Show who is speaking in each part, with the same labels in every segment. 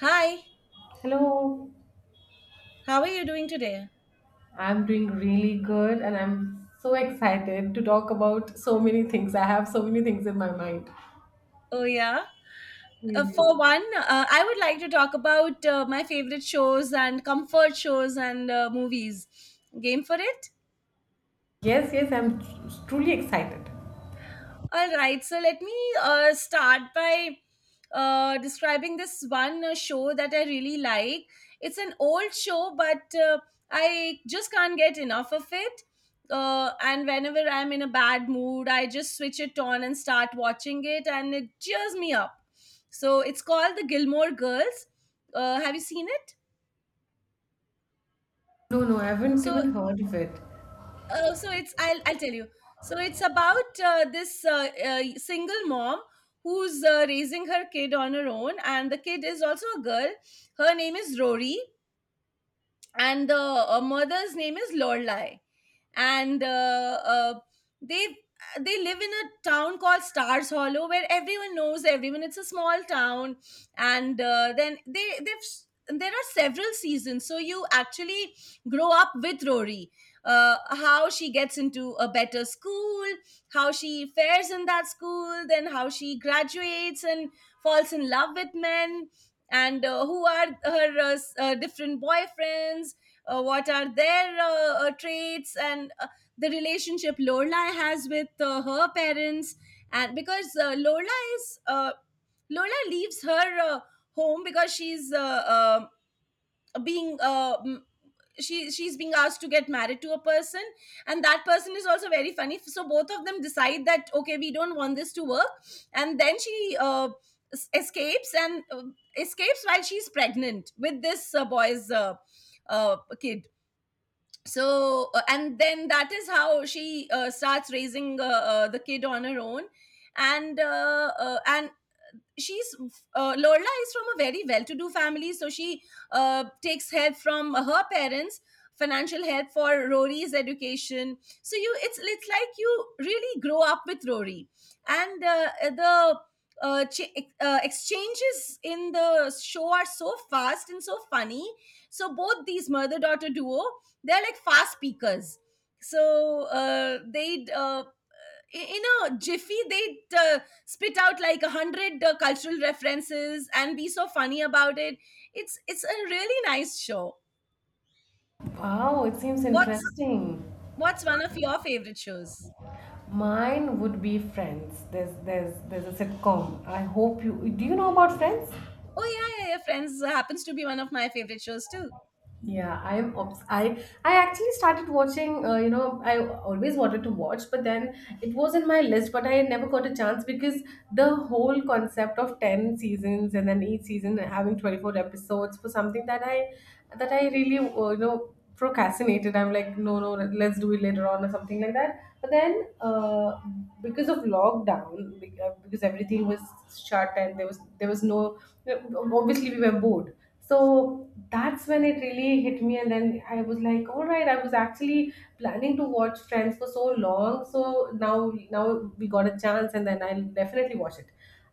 Speaker 1: Hi,
Speaker 2: Hello,
Speaker 1: how are you doing today?
Speaker 2: I'm doing really good and I'm so excited to talk about so many things. I have so many things in my mind.
Speaker 1: Oh, yeah. Uh,
Speaker 2: Really?
Speaker 1: for one, I would like to talk about my favorite shows and comfort shows and movies. Game for it?
Speaker 2: Yes, yes, I'm truly excited.
Speaker 1: All right, so let me start by describing this one show that I really like. It's an old show, but I just can't get enough of it. And whenever I'm in a bad mood, I just switch it on and start watching it, and it cheers me up. So it's called The Gilmore Girls. Have you seen it?
Speaker 2: No, no, I haven't
Speaker 1: So
Speaker 2: even heard of it.
Speaker 1: Oh, so it's I'll tell you. So it's about this single mom who's raising her kid on her own, and the kid is also a girl. Her name is Rory, and the mother's name is Lorelai, and they they live in a town called Stars Hollow where everyone knows everyone. It's a small town, and then there are several seasons, so you actually grow up with Rory. How she gets into a better school, how she fares in that school, then how she graduates and falls in love with men, and who are her different boyfriends, what are their traits, and the relationship Lorelai has with her parents. And because Lorelai leaves her home because uh, being. Uh, m- she's being asked to get married to a person, and that person is also very funny, so both of them decide that, okay, we don't want this to work. And then she escapes, and escapes while she's pregnant with this boy's kid. So and then that is how she starts raising the kid on her own. And she's Lorla is from a very well-to-do family, so she takes help from her parents, financial help for Rory's education. So it's like you really grow up with Rory, and the uh, ch- exchanges in the show are so fast and so funny. So both these mother-daughter duo, they're like fast speakers. So they in a jiffy they spit out like a hundred cultural references and be so funny about it. It's a really nice show.
Speaker 2: Wow, it seems
Speaker 1: what's
Speaker 2: interesting.
Speaker 1: what's one of your favorite shows?
Speaker 2: Mine would be Friends. There's a sitcom. I hope you Do you know about Friends?
Speaker 1: Oh, yeah, yeah, yeah, Friends happens to be one of my favorite shows too.
Speaker 2: Yeah, I am obs- I actually started watching. I always wanted to watch, but then it was in my list, but I never got a chance because the whole concept of 10 seasons, and then each season having 24 episodes for something that I really procrastinated. I'm like, no, no, let's do it later on or something like that. But then because of lockdown, because everything was shut, and there was no, obviously we were bored. So that's when it really hit me, and then I was like, all right, I was actually planning to watch Friends for so long, so now we got a chance, and then I'll definitely watch it.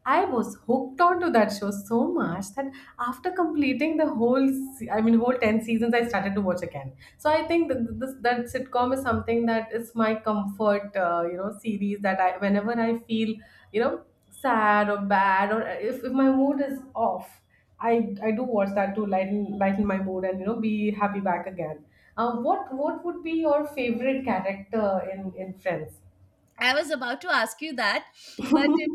Speaker 2: I was hooked onto that show so much that after completing the whole whole 10 seasons, I started to watch again. So I think that this that sitcom is something that is my comfort series, that I whenever I feel you know sad or bad, or if my mood is off, I do watch that to lighten my mood and be happy back again. What would be your favorite character in Friends?
Speaker 1: I was about to ask you that, but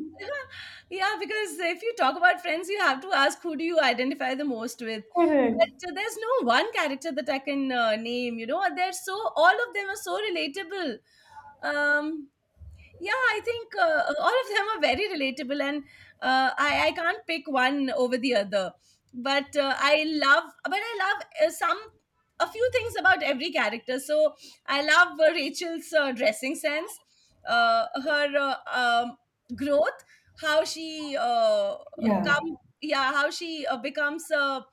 Speaker 1: yeah, because if you talk about Friends you have to ask, who do you identify the most with?
Speaker 2: Correct.
Speaker 1: But there's no one character that I can name, you know. They're so- all of them are so relatable. um Yeah, I think all of them are very relatable, and I can't pick one over the other. But I love some a few things about every character. So I love Rachel's dressing sense, her growth, how she
Speaker 2: Yeah.
Speaker 1: yeah, how she becomes a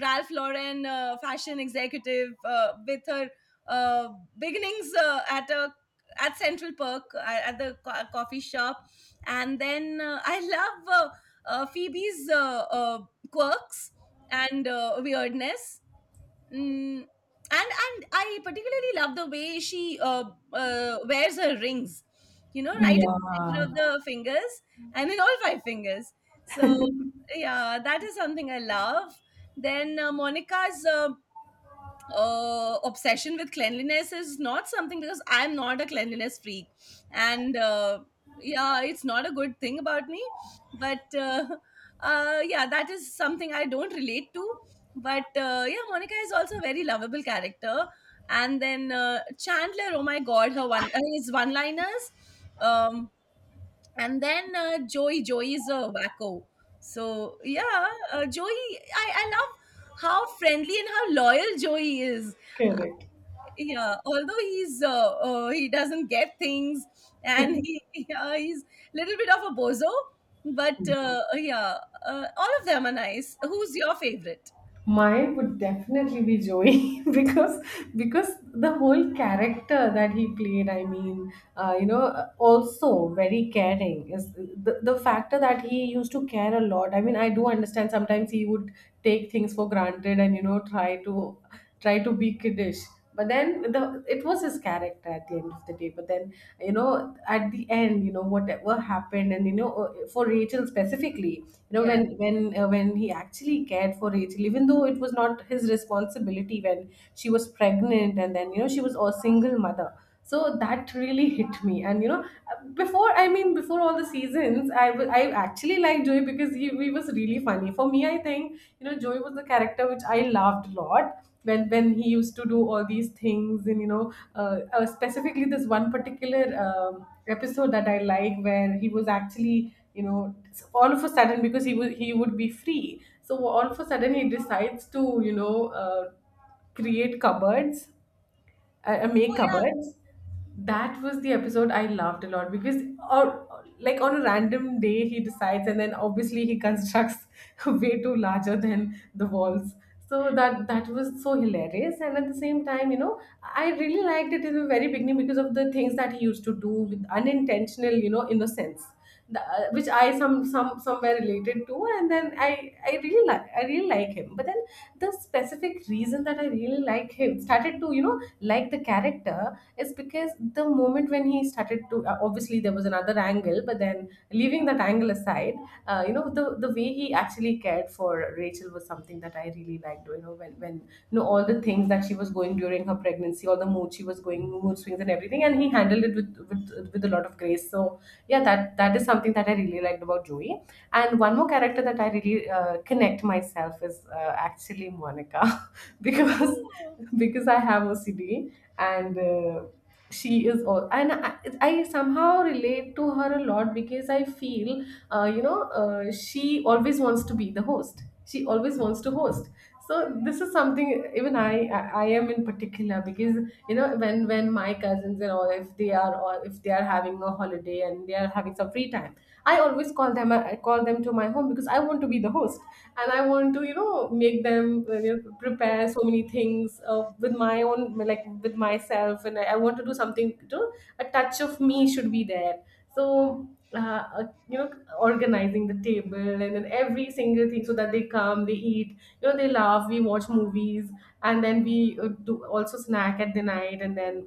Speaker 1: Ralph Lauren fashion executive with her uh, beginnings at Central Park at the coffee shop, and then I love Phoebe's quirks and weirdness. Mm. And I particularly love the way she wears her rings, right in
Speaker 2: Yeah,
Speaker 1: the center of the fingers and in all five fingers. So yeah, that is something I love. Then Monica's obsession with cleanliness is not something, because I'm not a cleanliness freak, and yeah, it's not a good thing about me. But yeah, that is something I don't relate to. But yeah, Monica is also a very lovable character. And then Chandler, oh my God, her one his one-liners. Um, and then Joey, Joey is a wacko. So yeah, Joey, I love how friendly and how loyal Joey is.
Speaker 2: correct.
Speaker 1: Yeah, although he doesn't get things, and he yeah, he's little bit of a bozo, but
Speaker 2: Hmm.
Speaker 1: yeah. All of them are nice. Who's your favorite?
Speaker 2: Mine would definitely be Joey because the whole character that he played, I mean, also very caring is the factor that he used to care a lot. I mean, I do understand sometimes he would take things for granted and try to be kiddish, but then the it was his character at the end of the day. But then at the end, whatever happened, and for Rachel specifically,
Speaker 1: Yeah.
Speaker 2: when he actually cared for Rachel, even though it was not his responsibility, when she was pregnant, and then she was a single mother. So that really hit me, and before, I mean before all the seasons, I actually liked Joey because he was really funny for me. I think Joey was the character which I loved a lot, when he used to do all these things. And specifically this one particular episode that I like, where he was actually all of a sudden, because he would be free, so all of a sudden he decides to create cupboards. I make
Speaker 1: Oh, yeah.
Speaker 2: cupboards. That was the episode I laughed a lot, because, or like on a random day he decides, and then obviously he constructs way too larger than the walls. So that that was so hilarious. And at the same time, I really liked it in the very beginning because of the things that he used to do with unintentional, innocence, which I somewhere related to. And then I really like him. But then the specific reason that I really like him started to like the character is, because the moment when he started to, obviously there was another angle, but then leaving that angle aside, the way he actually cared for Rachel was something that I really liked. You know, all the things that she was going during her pregnancy, all the mood she was going, mood swings and everything, and he handled it with with a lot of grace. So yeah, that that is something that I really liked about Joey. And one more character that I really connect myself is actually Monica because
Speaker 1: Oh,
Speaker 2: because I have OCD. And she is all, and I somehow relate to her a lot because I feel she always wants to be the host, she always wants to host. So this is something even I am in particular, because when my cousins, and or if they are, having a holiday and they are having some free time, I always call them, I call them to my home, because I want to be the host, and I want to make them, prepare so many things with my own, like with myself. And I want to do something to, a touch of me should be there. So uh, uh, you know organizing the table, and then every single thing, so that they come, they eat, they laugh, we watch movies, and then we do also snack at the night, and then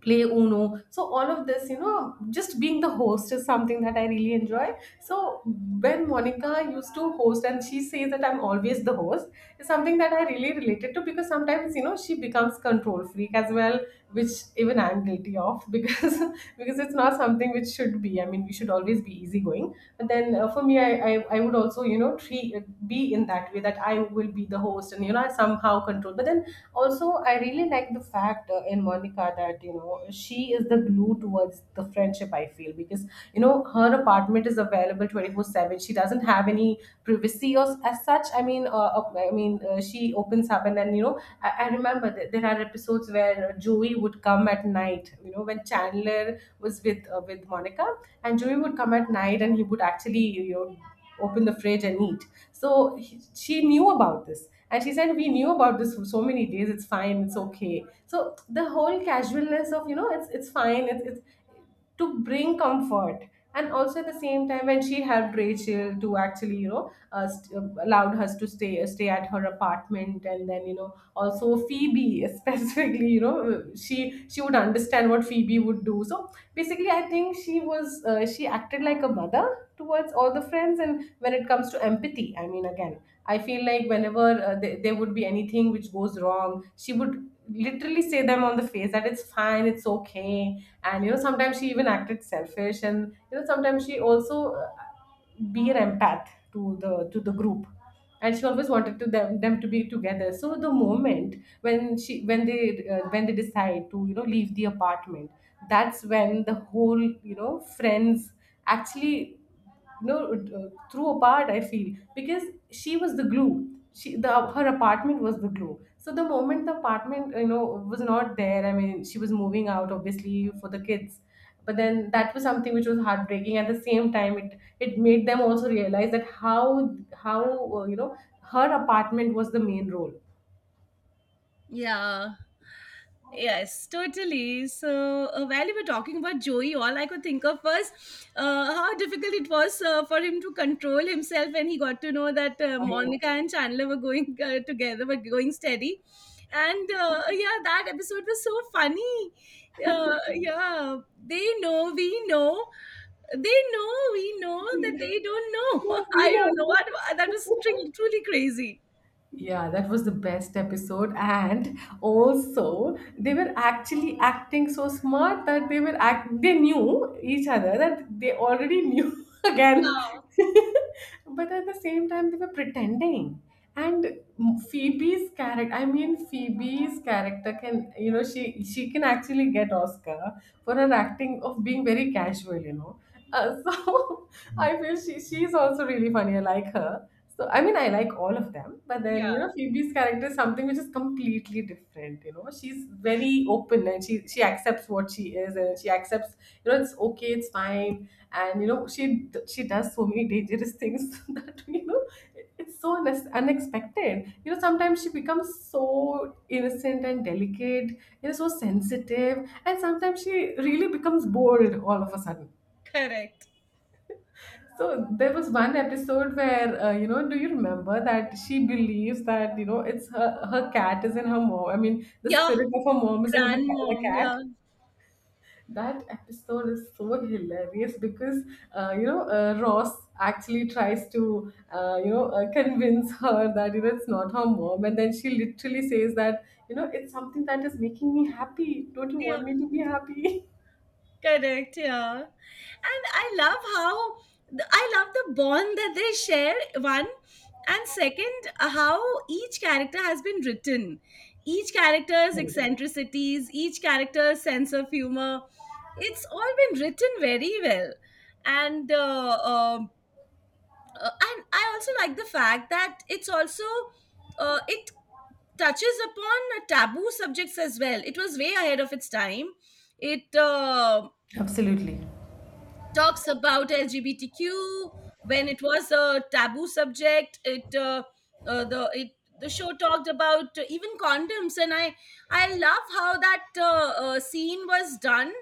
Speaker 2: play Uno. So all of this, just being the host is something that I really enjoy. So when Monica used to host and she says that I'm always the host is something that I really related to, because sometimes she becomes control freak as well, which even I'm guilty of, because because it's not something which should be. I mean, we should always be easygoing. But then for me, I would also treat, be in that way that I will be the host, and I somehow control. But then also I really like the fact, in Monica, that she is the glue towards the friendship, I feel. Because her apartment is available 24/7. She doesn't have any privacy or as such. I mean I mean she opens up, and then I remember that there are episodes where Joey would come at night, when Chandler was with, with Monica, and Joey would come at night, and he would actually open the fridge and eat. So she knew about this, and she said we knew about this for so many days, it's fine, it's okay. So the whole casualness of, it's fine, it's to bring comfort. And also at the same time, when she helped Rachel to actually, allowed us to stay at her apartment. And then also Phoebe specifically, she would understand what Phoebe would do. So basically I think she was, she acted like a mother towards all the friends. And when it comes to empathy, I mean, again, I feel like whenever, there would be anything which goes wrong, she would literally say them on the face that it's fine, it's okay. And sometimes she even acted selfish, and sometimes she also be an empath to the group. And she always wanted to them to be together. So the moment when she when they, when they decide to leave the apartment, that's when the whole, friends actually, threw apart, I feel. Because she was the glue, she the her apartment was the glue. So the moment the apartment, was not there, I mean she was moving out, obviously for the kids. But then that was something which was heartbreaking. At the same time, it made them also realize that how, uh, you know her apartment was the main role.
Speaker 1: yeah. Yes, totally. So, while you were talking about Joey, all I could think of was how difficult it was for him to control himself when he got to know that
Speaker 2: I know.
Speaker 1: Monica and Chandler were going together, were going steady. And yeah, that episode was so funny. Uh, yeah, they know, we know, they know, we know that they don't know.
Speaker 2: No,
Speaker 1: I
Speaker 2: we
Speaker 1: don't know
Speaker 2: know.
Speaker 1: what that was. Truly, truly crazy.
Speaker 2: Yeah, that was the best episode. And also, they were actually acting so smart that they were act they knew each other, that they already knew again.
Speaker 1: Yeah,
Speaker 2: But at the same time, they were pretending. And Phoebe's character can, she can actually get Oscar for her acting of being very casual, So I feel she's also really funny. I like her. So I mean, I like all of them, but then
Speaker 1: yeah,
Speaker 2: Phoebe's character is something which is completely different. You know, she's very open, and she accepts what she is, and she accepts, it's okay, it's fine. And she does so many dangerous things that it's so unexpected. You know, sometimes she becomes so innocent and delicate, so sensitive, and sometimes she really becomes bold all of a sudden.
Speaker 1: correct.
Speaker 2: So there was one episode where do you remember that she believes that it's her cat is in her mom. I mean, the
Speaker 1: Yeah,
Speaker 2: spirit of her mom is in the
Speaker 1: grandmom.
Speaker 2: cat.
Speaker 1: Yeah.
Speaker 2: That episode is so hilarious because Ross actually tries to convince her that it's not her mom, and then she literally says that it's something that is making me happy. Don't you
Speaker 1: Yeah,
Speaker 2: want me to be happy?
Speaker 1: correct. Yeah. And I love the bond that they share, one. And second, how each character has been written. Each character's
Speaker 2: Correct.
Speaker 1: eccentricities, each character's sense of humor, it's all been written very well. And uh, um, and I also like the fact that it's also it touches upon taboo subjects as well. It was way ahead of its time. It
Speaker 2: Absolutely.
Speaker 1: talks about LGBTQ. When it was a taboo subject, it the it the show talked about even condoms, and I love how that scene was done.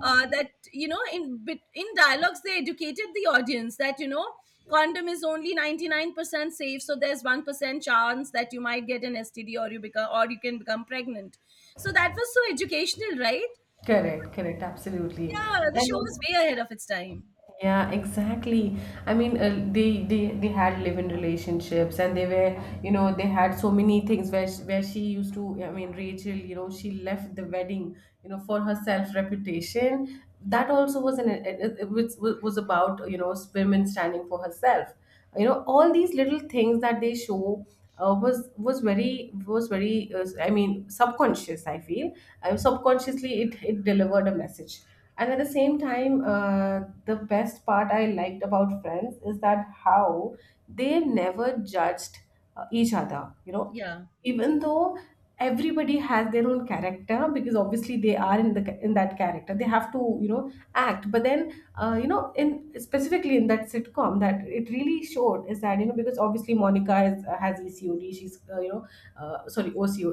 Speaker 1: That you know, in dialogues they educated the audience that condom is only 99% safe, so there's 1% chance that you might get an std, or you become, or you can become pregnant. So that was so educational, right?
Speaker 2: Correct, correct, absolutely.
Speaker 1: Yeah, the show
Speaker 2: And
Speaker 1: was way ahead of its time.
Speaker 2: Yeah, exactly. I mean, they had live-in relationships, and they were, they had so many things where she used to. I mean, Rachel, she left the wedding, for her self-reputation. That also was it, was about women standing for herself. All these little things that they show was very, I mean, subconscious, I feel. Subconsciously, it delivered a message, and at the same time the best part I liked about Friends is that how they never judged each other.
Speaker 1: Yeah.
Speaker 2: Even though everybody has their own character, because obviously they are in that character, they have to act, but then in specifically in that sitcom, that it really showed is that because obviously Monica has ecod, she's sorry, OCO,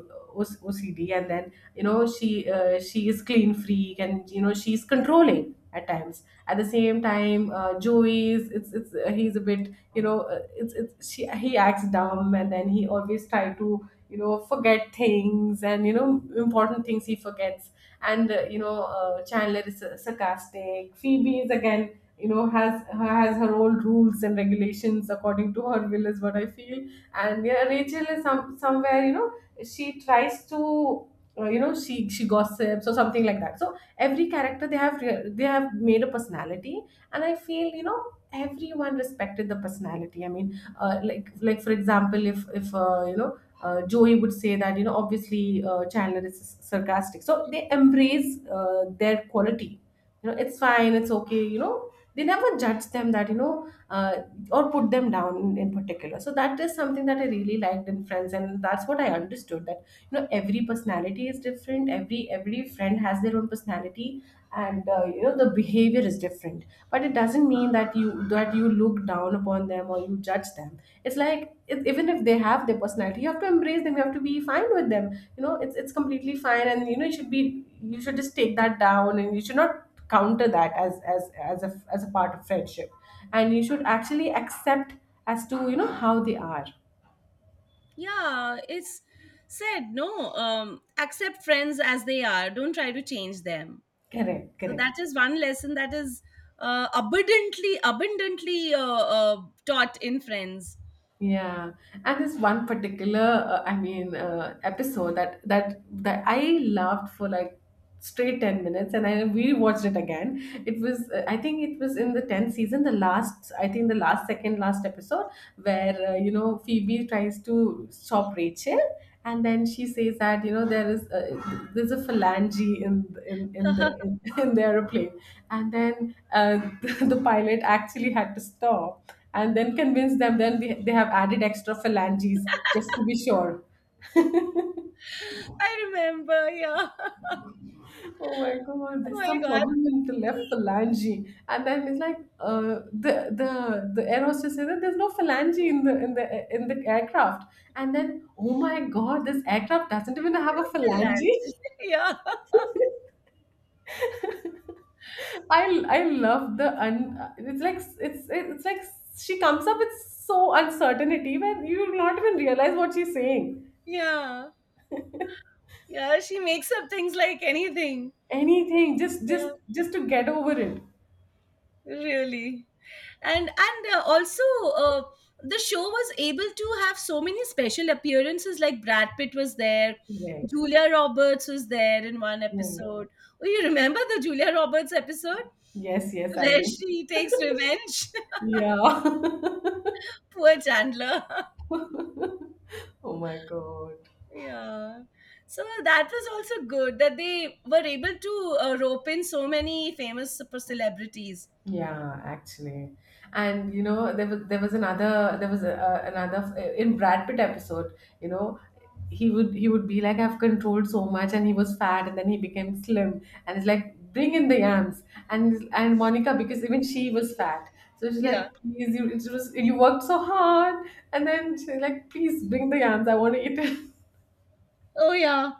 Speaker 2: and then she is clean freak, and she's controlling at times. At the same time, joey is it's he's a bit he acts dumb, and then he always try to forget things, and important things he forgets. And Chandler is sarcastic. Phoebe is again, has her own rules and regulations according to her will is what I feel. And yeah, Rachel is somewhere, she tries to she gossips, or something like that. So every character, they have made a personality. And I feel, everyone respected the personality. I mean, like for example, if Joey would say that, obviously Chandler is sarcastic. So they embrace their quality. It's fine, it's okay. They never judge them that, or put them down in particular. So that is something that I really liked in Friends. And that's what I understood, that every personality is different. Every friend has their own personality, and the behavior is different. But it doesn't mean that you look down upon them or you judge them. It's like, if even if they have their personality, you have to embrace them, you have to be fine with them. It's completely fine, and you should be, you should just take that down, and you should not counter that as a part of friendship. And you should actually accept as to how they are.
Speaker 1: Yeah, it's said, no, accept friends as they are. Don't try to change them.
Speaker 2: Correct,
Speaker 1: So
Speaker 2: correct.
Speaker 1: that is one lesson that is abundantly, abundantly taught in Friends.
Speaker 2: Yeah, and this one particular, I mean, episode that I loved for like straight 10 minutes, and I rewatched it again. It was, I think, it was in the 10th season, the last, I think, the last second last episode where Phoebe tries to stop Rachel, and then she says that there's a phalange in in in the
Speaker 1: I
Speaker 2: in, in the airplane, and then the pilot actually had to stop and then convince them. Then they have added extra phalanges just to be sure.
Speaker 1: remember, yeah.
Speaker 2: Oh my God,
Speaker 1: Oh
Speaker 2: there's
Speaker 1: my
Speaker 2: some
Speaker 1: God,
Speaker 2: problem in the left
Speaker 1: the,
Speaker 2: phalange. And then it's like, the the the air hostess says that there's no phalange in the aircraft. And then, oh my God, this aircraft doesn't even have a
Speaker 1: the
Speaker 2: phalange.
Speaker 1: lad. Yeah,
Speaker 2: I I love the un. It's like, it's like she comes up with so uncertainty, when you will not even realize what she's saying.
Speaker 1: yeah, yeah. She makes up things like anything.
Speaker 2: Anything, just just
Speaker 1: Yeah,
Speaker 2: just to get over it.
Speaker 1: really. And also uh, the show was able to have so many special appearances, like Brad Pitt was there,
Speaker 2: Right.
Speaker 1: Julia Roberts was there in one
Speaker 2: Hmm.
Speaker 1: episode. Oh, you remember the Julia Roberts episode,
Speaker 2: Yes, yes, I
Speaker 1: where
Speaker 2: did.
Speaker 1: she takes revenge?
Speaker 2: Yeah.
Speaker 1: Poor Chandler.
Speaker 2: Oh my God.
Speaker 1: Yeah. So that was also good that they were able to rope in so many famous super celebrities.
Speaker 2: Yeah, actually, and there was another there was a- another in Brad Pitt episode. You know, he would be like, I've controlled so much, and he was fat, and then he became slim, and it's like, bring in the yams, and Monica, because even she was fat, so she's like,
Speaker 1: Yeah.
Speaker 2: please, you it was, you worked so hard, and then she's like, please bring the yams, I want to eat it.
Speaker 1: Oh, yeah.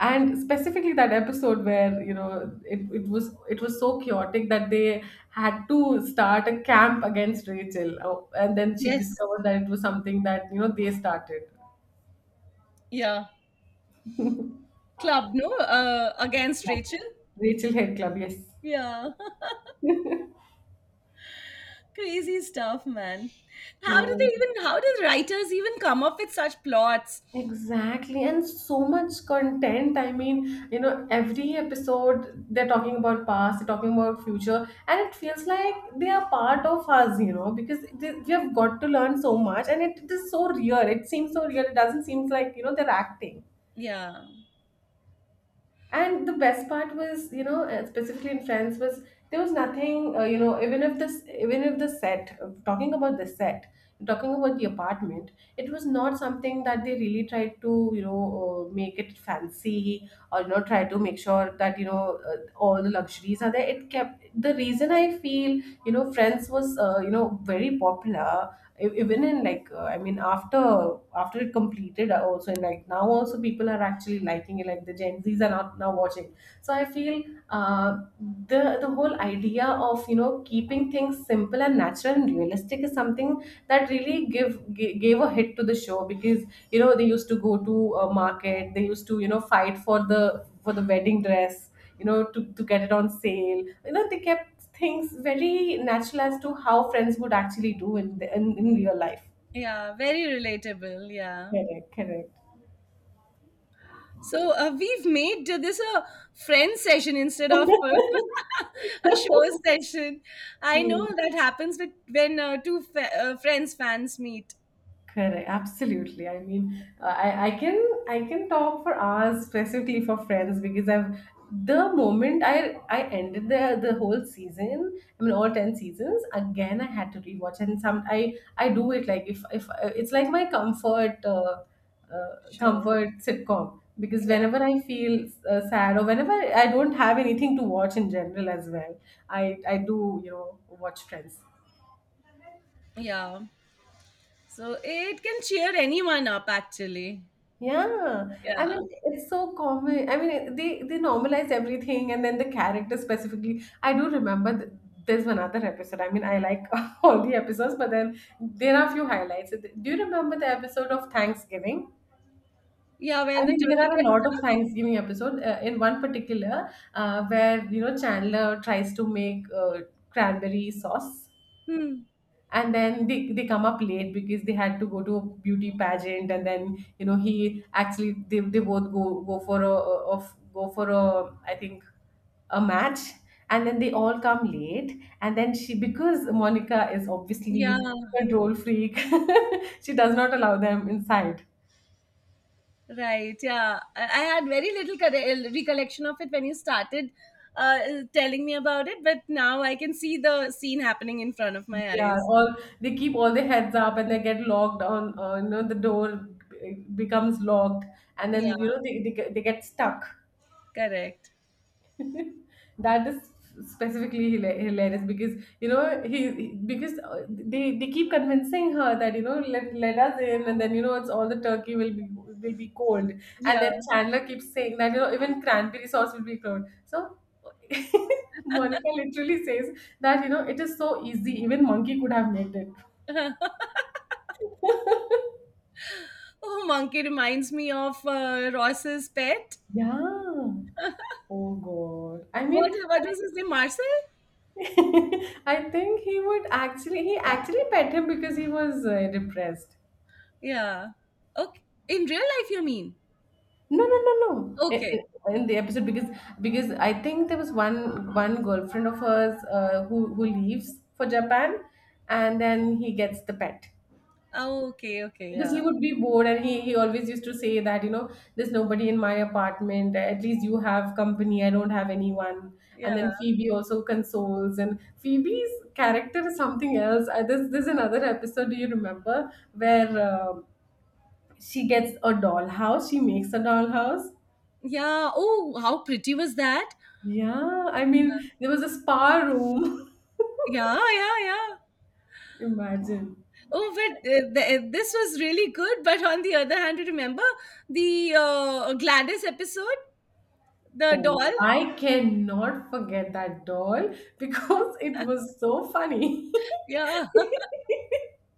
Speaker 2: And specifically that episode where it was so chaotic that they had to start a camp against Rachel. Oh, and then she
Speaker 1: Yes.
Speaker 2: discovered that it was something that they started
Speaker 1: Yeah. Club, no, against Rachel.
Speaker 2: Rachel head club, yes.
Speaker 1: Yeah, crazy stuff, man. How do they
Speaker 2: Yeah,
Speaker 1: even? How do writers even come up with such plots?
Speaker 2: exactly, and so much content. I mean, every episode they're talking about past, they're talking about future, and it feels like they are part of us, because we have got to learn so much, and it is so real. It seems so real. It doesn't seem like they're acting.
Speaker 1: Yeah,
Speaker 2: And the best part was, specifically in France, was there was nothing, even if the set, talking about the set, talking about the apartment, it was not something that they really tried to, make it fancy, or, try to make sure that, all the luxuries are there. It kept, the reason I feel, France was, very popular. Even in like, I mean, after it completed, also, in like now also, people are actually liking it, like the gen z's are not now watching. So I feel, uh, the whole idea of keeping things simple and natural and realistic is something that really gave a hit to the show, because they used to go to a market, they used to fight for the wedding dress, to get it on sale. They kept things very natural as to how friends would actually do in real life.
Speaker 1: yeah, very relatable. Yeah.
Speaker 2: Correct, correct.
Speaker 1: So we've made this a friend session instead of a show session. I
Speaker 2: Hmm.
Speaker 1: know that happens with when Friends fans meet.
Speaker 2: Correct, absolutely. I mean, I can talk for hours, specifically for friends, because I've the moment I ended the whole season, I mean all 10 seasons. Again, I had to rewatch, and some I do it, like if it's like my comfort
Speaker 1: Sure.
Speaker 2: comfort sitcom, because
Speaker 1: Yeah.
Speaker 2: whenever I feel sad, or whenever I don't have anything to watch in general as well, I do watch Friends.
Speaker 1: Yeah. So it can cheer anyone up, actually.
Speaker 2: Yeah, I
Speaker 1: Yeah.
Speaker 2: mean, it's so common. I mean, they normalize everything, and then the character specifically. I do remember there's one other episode. I mean, I like all the episodes, but then there are a few highlights. Do you remember the episode of Thanksgiving?
Speaker 1: Yeah, where
Speaker 2: I
Speaker 1: the
Speaker 2: mean, there
Speaker 1: turkey
Speaker 2: are a
Speaker 1: gets
Speaker 2: lot of
Speaker 1: stuck?
Speaker 2: Thanksgiving episodes. In one particular, where Chandler tries to make cranberry sauce,
Speaker 1: Hmm.
Speaker 2: and then they come up late because they had to go to a beauty pageant, and then he actually they both go for a, I think, a match, and then they all come late, and then she because Monica is
Speaker 1: Yeah,
Speaker 2: obviously control freak, she does not allow them inside.
Speaker 1: right. Yeah. I had very little recollection of it when you started uh, telling me about it, but now I can see the scene happening in front of my
Speaker 2: Yeah,
Speaker 1: eyes.
Speaker 2: all they keep all their heads up, and they get locked on, the door becomes locked, and
Speaker 1: Yeah,
Speaker 2: then they get stuck.
Speaker 1: correct.
Speaker 2: That is specifically hilarious because because they keep convincing her that let us in, and then it's all the turkey will be cold, and
Speaker 1: Yeah.
Speaker 2: then Chandler keeps saying that even cranberry sauce will be cold. So Monica literally says that it is so easy, even monkey could have made it.
Speaker 1: Oh, monkey reminds me of Ross's pet.
Speaker 2: Yeah, oh God, I
Speaker 1: What,
Speaker 2: mean,
Speaker 1: uh, what was his name? Marcel?
Speaker 2: I think he actually pet him, because he was depressed.
Speaker 1: Yeah. Okay. In real life, you mean?
Speaker 2: No, no, no, no. In,
Speaker 1: Okay.
Speaker 2: in, in the episode, because I think there was one girlfriend of hers who leaves for Japan, and then he gets the pet
Speaker 1: Oh, okay, okay,
Speaker 2: because
Speaker 1: yeah.
Speaker 2: he would be bored, and he always used to say that there's nobody in my apartment. At least you have company. I don't have anyone. And
Speaker 1: Yeah.
Speaker 2: then Phoebe also consoles, and Phoebe's character is something else. There's another episode. Do you remember where? She gets a dollhouse. She makes a dollhouse.
Speaker 1: Yeah. Oh, how pretty was that?
Speaker 2: Yeah, I mean, there was a spa room.
Speaker 1: Yeah, yeah, yeah.
Speaker 2: Imagine.
Speaker 1: Oh, but this was really good. But on the other hand, you remember the Gladys episode, the
Speaker 2: Oh,
Speaker 1: doll?
Speaker 2: I cannot forget that doll because it was so funny.
Speaker 1: Yeah,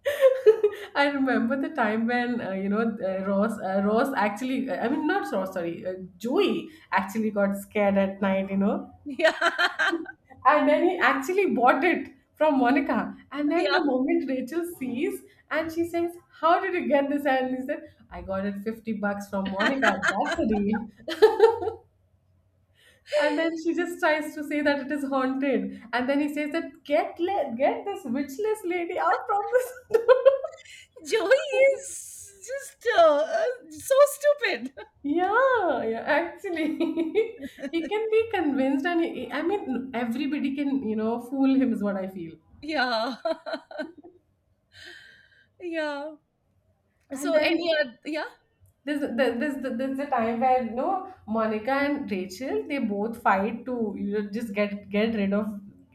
Speaker 2: I remember the time when I mean not Ross, sorry, Joey actually got scared at night, you know,
Speaker 1: yeah,
Speaker 2: and then he actually bought it from Monica. And then
Speaker 1: yeah.
Speaker 2: the moment Rachel sees, and she says, "How did you get this?" And he said, "I got it $50 from Monica. That's a deal." And then she just tries to say that it is haunted. And then he says that get this witchless lady out from this door.
Speaker 1: Joey is just so stupid.
Speaker 2: Yeah, yeah, actually, he can be convinced, and I mean, everybody can, you know, fool him is what I feel.
Speaker 1: Yeah, yeah.
Speaker 2: And
Speaker 1: So any
Speaker 2: then
Speaker 1: other, yeah,
Speaker 2: there's a time where you know Monica and Rachel they both fight to, you know, just get rid of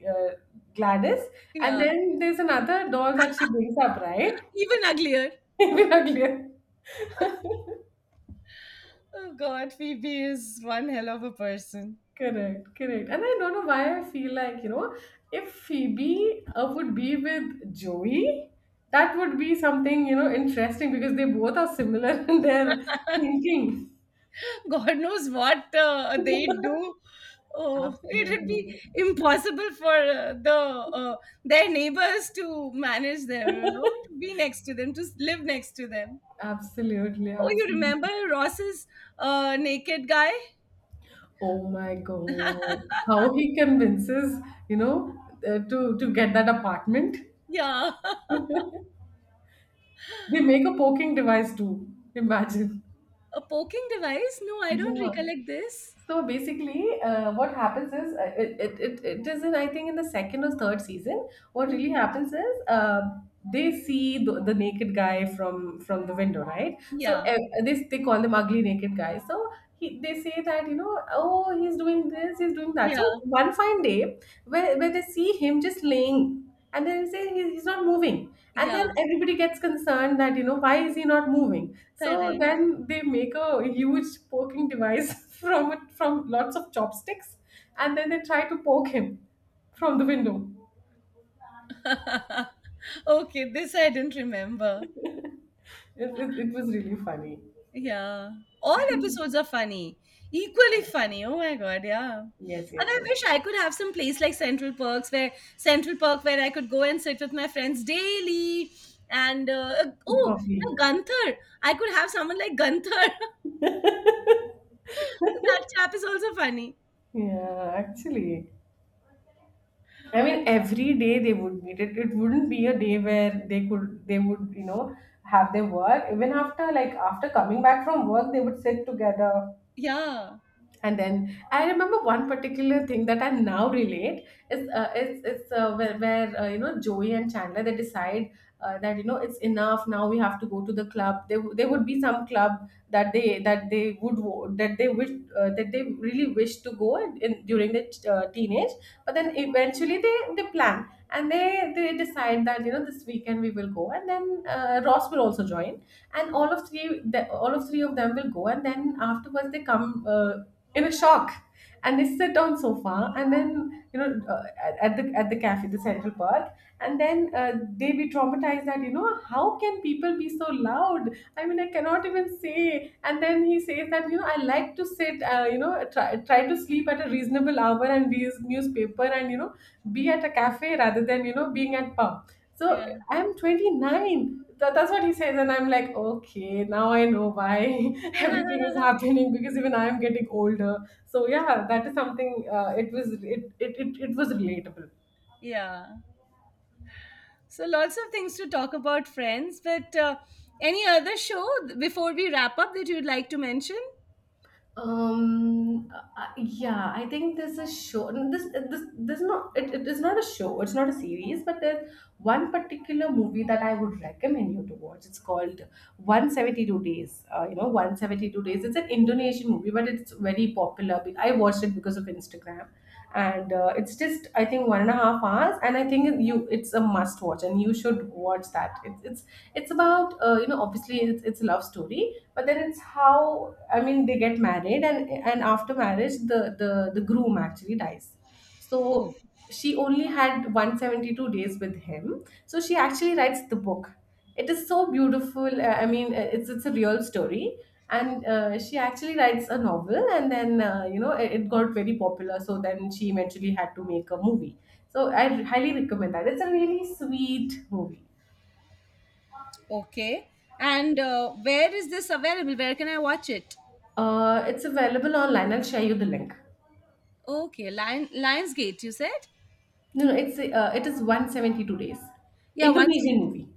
Speaker 2: uh, Gladys, and
Speaker 1: yeah.
Speaker 2: then there's another doll that she brings up, right?
Speaker 1: Even uglier.
Speaker 2: Even uglier.
Speaker 1: Oh God, Phoebe is one hell of a person.
Speaker 2: Correct, correct. And I don't know why I feel like, you know, if Phoebe would be with Joey, that would be something, you know, interesting because they both are similar in their thinking.
Speaker 1: God knows what they do. Oh, it would be
Speaker 2: Absolutely.
Speaker 1: impossible for their neighbors to manage them, to be next to them, to live next to them.
Speaker 2: Absolutely.
Speaker 1: Oh, you
Speaker 2: Absolutely.
Speaker 1: remember Ross's naked guy?
Speaker 2: Oh my God. How he convinces, you know, to get that apartment.
Speaker 1: Yeah,
Speaker 2: They make a poking device too. Imagine.
Speaker 1: a poking device. No, I don't
Speaker 2: Yeah.
Speaker 1: recollect this.
Speaker 2: So basically, what happens is it is in, I think, in the second or third season. What
Speaker 1: Mm.
Speaker 2: really happens is they see the naked guy from the window, right? So
Speaker 1: Yeah,
Speaker 2: they call him ugly naked guy. So he they say that, you know, oh he's doing this, he's doing that.
Speaker 1: yeah,
Speaker 2: So one fine day where they see him just laying, and then they say he's not moving, and
Speaker 1: yeah.
Speaker 2: then everybody gets concerned that, you know, why is he not moving, so
Speaker 1: Correct.
Speaker 2: then they make a huge poking device from it, from lots of chopsticks, and then they try to poke him from the window.
Speaker 1: Okay, this I didn't remember.
Speaker 2: It it was really funny.
Speaker 1: Yeah. All episodes are funny. Equally funny. Oh my God, yeah. And
Speaker 2: Yes, yes,
Speaker 1: I
Speaker 2: yes.
Speaker 1: wish I could have some place like Central Park where I could go and sit with my friends daily. And oh, no,
Speaker 2: Coffee.
Speaker 1: Gunther. I could have someone like Gunther. That chap is also funny.
Speaker 2: Yeah, actually, I mean, every day they would meet. It wouldn't be a day where they would, you know, have their work. Even after coming back from work, they would sit together.
Speaker 1: Yeah.
Speaker 2: And then I remember one particular thing that I now relate is it's where, you know, Joey and Chandler they decide that, you know, it's enough now, we have to go to the club. There would be some club that they would that they wish, that they really wish to go in, during the teenage, but then eventually they plan, and they decide that, you know, this weekend we will go, and then Ross will also join, and all of three of them will go, and then afterwards they come in a shock, and they sit on sofa, and then, you know, at the, at the cafe, the central park, and then they be traumatized that, you know, how can people be so loud. I mean, I cannot even say. And then he says that, you know, I like to sit, try to sleep at a reasonable hour and read newspaper, and, you know, be at a cafe rather than, you know, being at pub. So
Speaker 1: Yeah.
Speaker 2: I'm 29. That's what he says. And I'm like, okay, now I know why everything is happening, because even I am getting older. So yeah, that is something, it was, it was relatable.
Speaker 1: Yeah. So lots of things to talk about, Friends. But any other show before we wrap up that you'd like to mention?
Speaker 2: Yeah, I think there's a show. This There's not, it, it is not a show, it's not a series, but there's one particular movie that I would recommend you to watch. It's called 172 days. You know, 172 days. It's an indonesian movie, but it's very popular. I watched it because of instagram, and it's just, I think, 1.5 hours, and I think you, it's a must watch and you should watch that. It's about you know, obviously it's a love story, but then it's how, I mean, they get married, and after marriage the groom actually dies.
Speaker 1: Oh.
Speaker 2: So she only had 172 days with him, so she actually writes the book. It is so beautiful. I mean, it's a real story, and she actually writes a novel, and then you know, it got very popular, so then she eventually had to make a movie. So I highly recommend that. It's a really sweet movie.
Speaker 1: Okay. And where is this available? Where can I watch it?
Speaker 2: It's available online, I'll share you the link.
Speaker 1: Okay, Lionsgate, you said?
Speaker 2: No, no, it's it is 172 days.
Speaker 1: Yeah,
Speaker 2: Indonesian movie.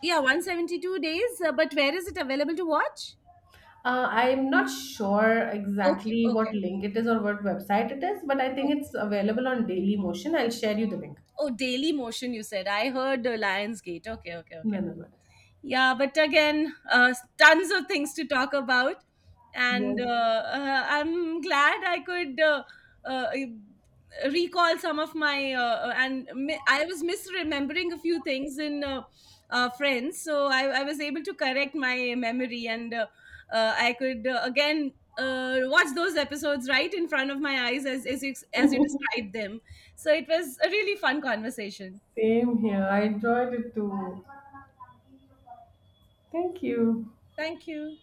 Speaker 1: 172 days, but where is it available to watch?
Speaker 2: I'm not sure
Speaker 1: Okay,
Speaker 2: exactly
Speaker 1: okay,
Speaker 2: what link it is or what website it is, but I think
Speaker 1: okay.
Speaker 2: it's available on Daily Motion. I'll share you the link.
Speaker 1: Oh, Daily Motion, you said. I heard Lionsgate. Okay, okay,
Speaker 2: No,
Speaker 1: okay.
Speaker 2: no, no.
Speaker 1: Yeah, but again, tons of things to talk about, and
Speaker 2: Yes.
Speaker 1: I'm glad I could uh, recall some of my I was misremembering a few things in Friends, so I was able to correct my memory, and I could again watch those episodes right in front of my eyes as you described them. So it was a really fun conversation.
Speaker 2: Same here. I enjoyed it too. Thank you.
Speaker 1: Thank you.